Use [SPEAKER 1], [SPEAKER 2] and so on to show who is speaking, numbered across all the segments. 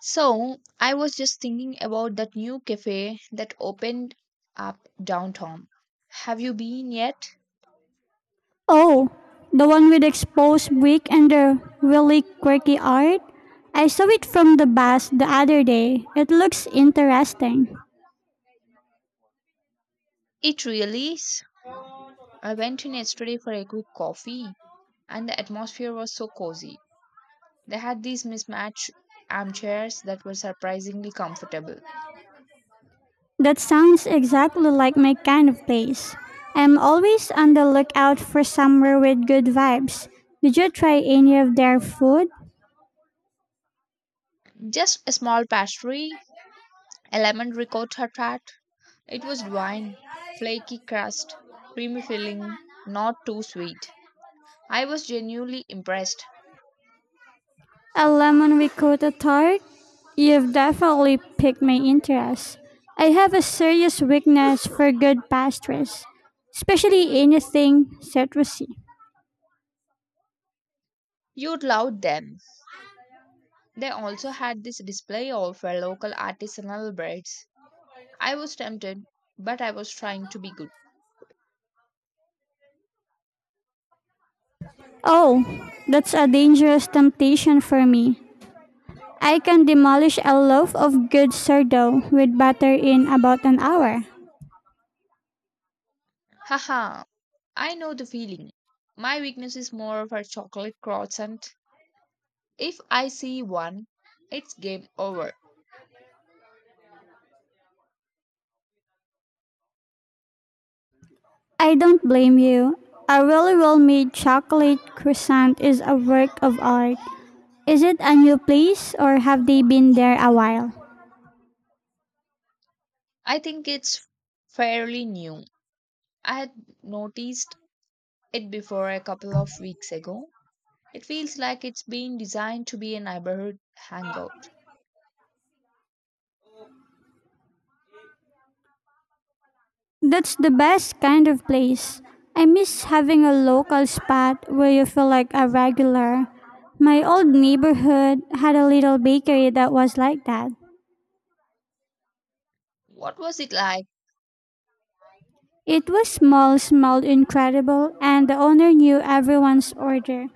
[SPEAKER 1] So I was just thinking about that new cafe that opened up downtown. Have you been yet?
[SPEAKER 2] Oh, the one with exposed brick and the really quirky art? I saw it from the bus the other day. It looks interesting.
[SPEAKER 1] It really is. I went in yesterday for a quick coffee, and the atmosphere was so cozy. They had these mismatched armchairs that were surprisingly comfortable.
[SPEAKER 2] That sounds exactly like my kind of place. I'm always on the lookout for somewhere with good vibes. Did you try any of their food?
[SPEAKER 1] Just a small pastry, a lemon ricotta tart. It was divine. Flaky crust, creamy filling, not too sweet. I was genuinely impressed.
[SPEAKER 2] A lemon ricotta tart? You've definitely piqued my interest. I have a serious weakness for good pastries, especially anything citrusy.
[SPEAKER 1] You'd love them. They also had this display of local artisanal breads. I was tempted, but I was trying to be good.
[SPEAKER 2] Oh, that's a dangerous temptation for me. I can demolish a loaf of good sourdough with butter in about an hour.
[SPEAKER 1] Haha, I know the feeling. My weakness is more of a chocolate croissant. If I see one, it's game over.
[SPEAKER 2] I don't blame you. A really well made chocolate croissant is a work of art. Is it a new place or have they been there a while?
[SPEAKER 1] I think it's fairly new. I had noticed it before a couple of weeks ago. It feels like it's been designed to be a neighborhood hangout.
[SPEAKER 2] That's the best kind of place. I miss having a local spot where you feel like a regular. My old neighborhood had a little bakery that was like that.
[SPEAKER 1] What was it like?
[SPEAKER 2] It was small, smelled incredible, and the owner knew everyone's order.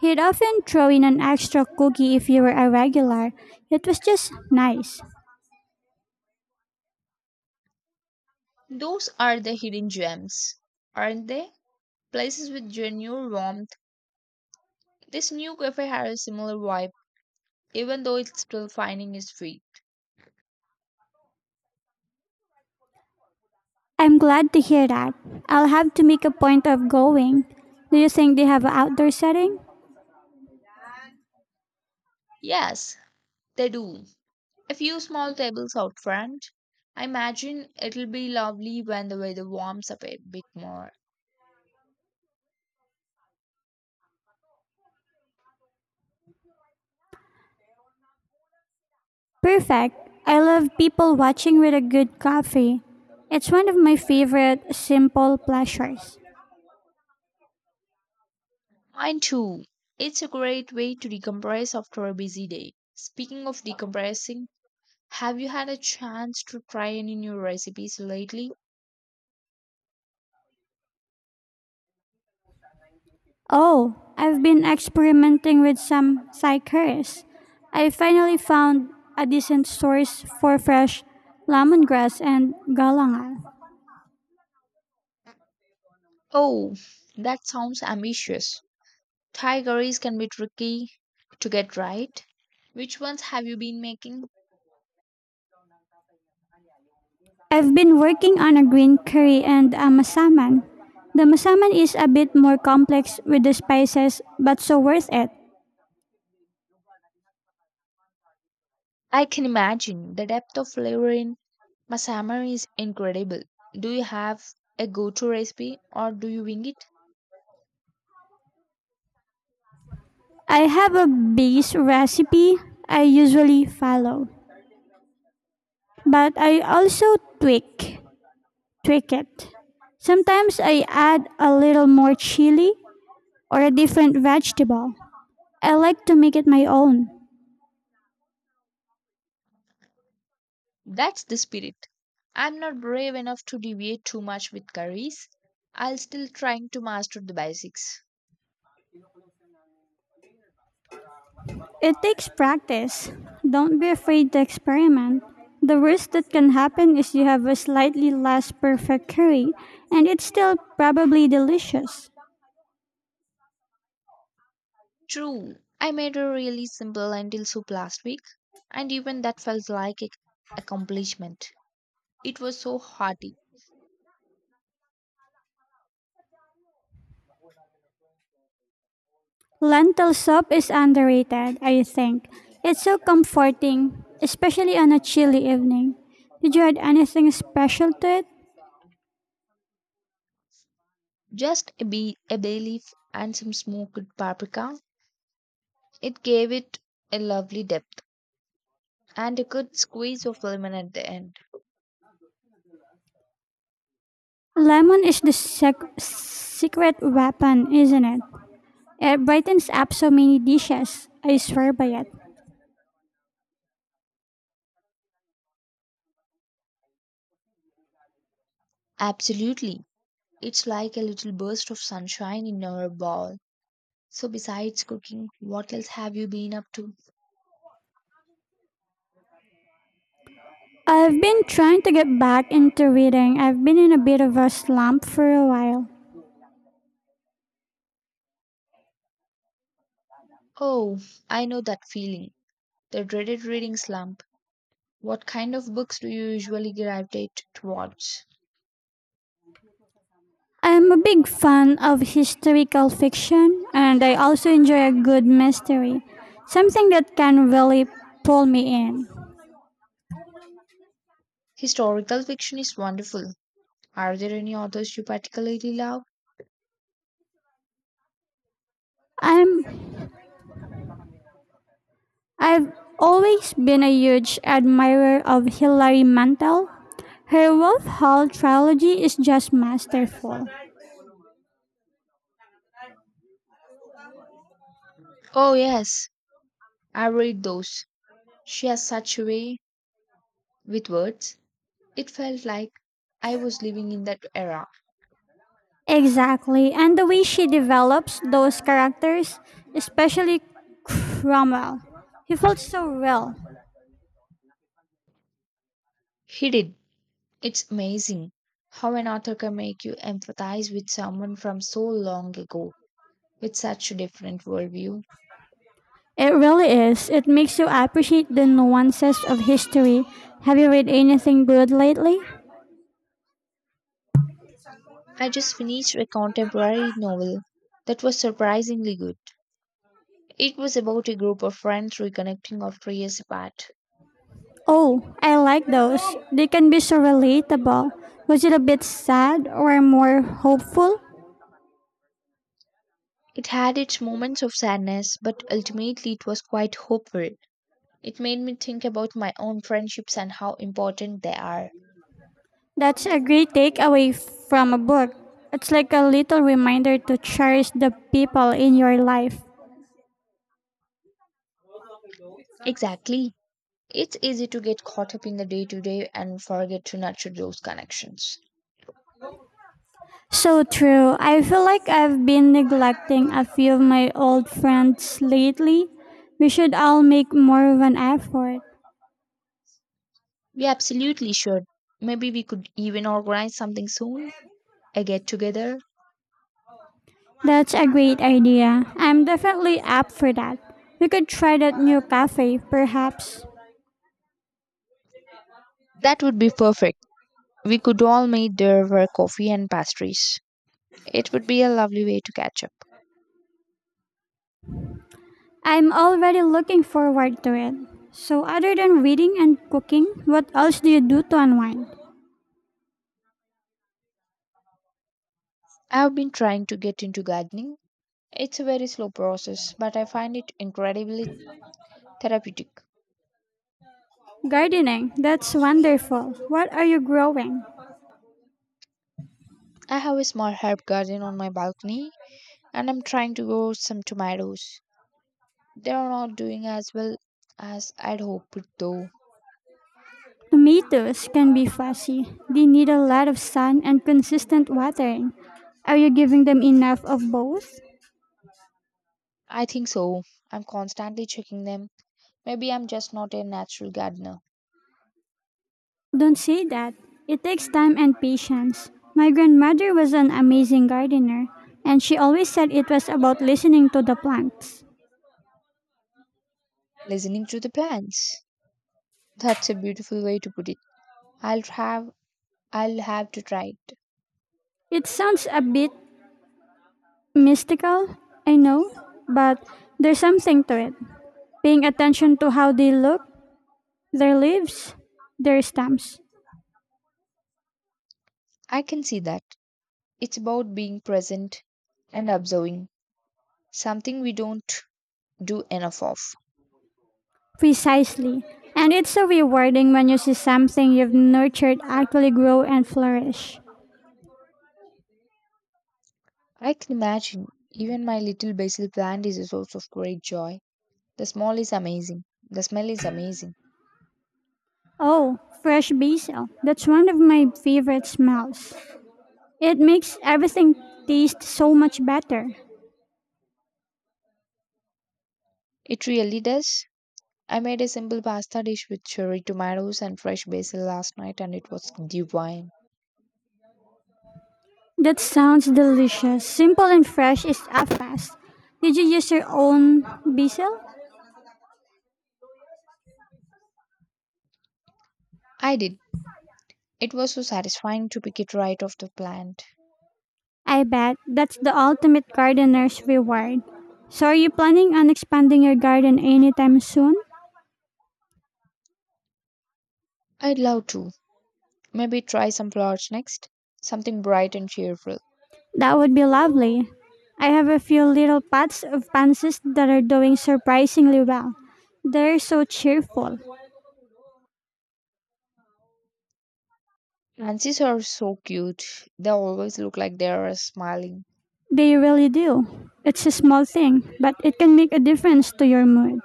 [SPEAKER 2] He'd often throw in an extra cookie if you were a regular. It was just nice.
[SPEAKER 1] Those are the hidden gems, aren't they? Places with genuine warmth. This new cafe has a similar vibe, even though it's still finding its feet.
[SPEAKER 2] I'm glad to hear that. I'll have to make a point of going. Do you think they have an outdoor setting?
[SPEAKER 1] Yes, they do. A few small tables out front. I imagine it'll be lovely when the weather warms up a bit more.
[SPEAKER 2] Perfect. I love people watching with a good coffee. It's one of my favorite simple pleasures.
[SPEAKER 1] Mine too. It's a great way to decompress after a busy day. Speaking of decompressing, have you had a chance to try any new recipes lately?
[SPEAKER 2] Oh, I've been experimenting with some psychers. I finally found a decent source for fresh lemongrass and galangal.
[SPEAKER 1] Oh, that sounds ambitious. Thai curries can be tricky to get right. Which ones have you been making?
[SPEAKER 2] I've been working on a green curry and a masaman. The masaman is a bit more complex with the spices, but so worth it.
[SPEAKER 1] I can imagine the depth of flavor in masama is incredible. Do you have a go-to recipe or do you wing it?
[SPEAKER 2] I have a base recipe I usually follow, but I also tweak it. Sometimes I add a little more chili or a different vegetable. I like to make it my own.
[SPEAKER 1] That's the spirit. I'm not brave enough to deviate too much with curries. I'll still trying to master the basics.
[SPEAKER 2] It takes practice. Don't be afraid to experiment. The worst that can happen is you have a slightly less perfect curry, and it's still probably delicious.
[SPEAKER 1] True, I made a really simple lentil soup last week, and even that felt like an accomplishment. It was so hearty.
[SPEAKER 2] Lentil soup is underrated, I think. It's so comforting, especially on a chilly evening. Did you add anything special to it?
[SPEAKER 1] Just a, a bay leaf and some smoked paprika. It gave it a lovely depth and a good squeeze of lemon at the end.
[SPEAKER 2] Lemon is the secret weapon, isn't it? It brightens up so many dishes. I swear by it.
[SPEAKER 1] Absolutely. It's like a little burst of sunshine in our bowl. So, besides cooking, what else have you been up to?
[SPEAKER 2] I've been trying to get back into reading. I've been in a bit of a slump for a while.
[SPEAKER 1] Oh, I know that feeling, the dreaded reading slump. What kind of books do you usually gravitate towards?
[SPEAKER 2] I'm a big fan of historical fiction and I also enjoy a good mystery. Something that can really pull me in.
[SPEAKER 1] Historical fiction is wonderful. Are there any authors you particularly love?
[SPEAKER 2] I'm I've always been a huge admirer of Hilary Mantel. Her Wolf Hall trilogy is just masterful.
[SPEAKER 1] Oh, yes, I read those. She has such a way with words. It felt like I was living in that era.
[SPEAKER 2] Exactly. And the way she develops those characters, especially Cromwell, he felt so real.
[SPEAKER 1] He did. It's amazing how an author can make you empathize with someone from so long ago with such a different worldview.
[SPEAKER 2] It really is. It makes you appreciate the nuances of history. Have you read anything good lately?
[SPEAKER 1] I just finished a contemporary novel that was surprisingly good. It was about a group of friends reconnecting after years apart.
[SPEAKER 2] Oh, I like those. They can be so relatable. Was it a bit sad or more hopeful?
[SPEAKER 1] It had its moments of sadness, but ultimately it was quite hopeful. It made me think about my own friendships and how important they are.
[SPEAKER 2] That's a great takeaway from a book. It's like a little reminder to cherish the people in your life.
[SPEAKER 1] Exactly. It's easy to get caught up in the day to day and forget to nurture those connections.
[SPEAKER 2] So true. I feel like I've been neglecting a few of my old friends lately. We should all make more of an effort.
[SPEAKER 1] We absolutely should. Maybe we could even organize something soon, a get together.
[SPEAKER 2] That's a great idea. I'm definitely up for that. We could try that new cafe, perhaps.
[SPEAKER 1] That would be perfect. We could all meet there for coffee and pastries. It would be a lovely way to catch up.
[SPEAKER 2] I'm already looking forward to it. So, other than reading and cooking, what else do you do to unwind?
[SPEAKER 1] I've been trying to get into gardening. It's a very slow process, but I find it incredibly therapeutic.
[SPEAKER 2] Gardening. That's wonderful. What are you growing?
[SPEAKER 1] I have a small herb garden on my balcony, and I'm trying to grow some tomatoes. They are not doing as well as I'd hoped, though.
[SPEAKER 2] Tomatoes can be fussy. They need a lot of sun and consistent watering. Are you giving them enough of both?
[SPEAKER 1] I think so. I'm constantly checking them. Maybe I'm just not a natural gardener.
[SPEAKER 2] Don't say that. It takes time and patience. My grandmother was an amazing gardener, and she always said it was about listening to the plants.
[SPEAKER 1] Listening to the plants. That's a beautiful way to put it. I'll have I'll have to try it.
[SPEAKER 2] It sounds a bit mystical, I know, but there's something to it. Paying attention to how they look, their leaves, their stumps.
[SPEAKER 1] I can see that. It's about being present and observing, something we don't do enough of.
[SPEAKER 2] Precisely. And it's so rewarding when you see something you've nurtured actually grow and flourish.
[SPEAKER 1] I can imagine even my little basil plant is a source of great joy. The smell is amazing. The smell is amazing.
[SPEAKER 2] Oh, fresh basil. That's one of my favorite smells. It makes everything taste so much better.
[SPEAKER 1] It really does. I made a simple pasta dish with cherry tomatoes and fresh basil last night and it was divine.
[SPEAKER 2] That sounds delicious. Simple and fresh is a fast. Did you use your own basil?
[SPEAKER 1] I did. It was so satisfying to pick it right off the plant.
[SPEAKER 2] I bet that's the ultimate gardener's reward. So are you planning on expanding your garden anytime soon?
[SPEAKER 1] I'd love to. Maybe try some flowers next. Something bright and cheerful.
[SPEAKER 2] That would be lovely. I have a few little pots of pansies that are doing surprisingly well. They're so cheerful.
[SPEAKER 1] Nancy's are so cute. They always look like they are smiling.
[SPEAKER 2] They really do. It's a small thing, but it can make a difference to your mood.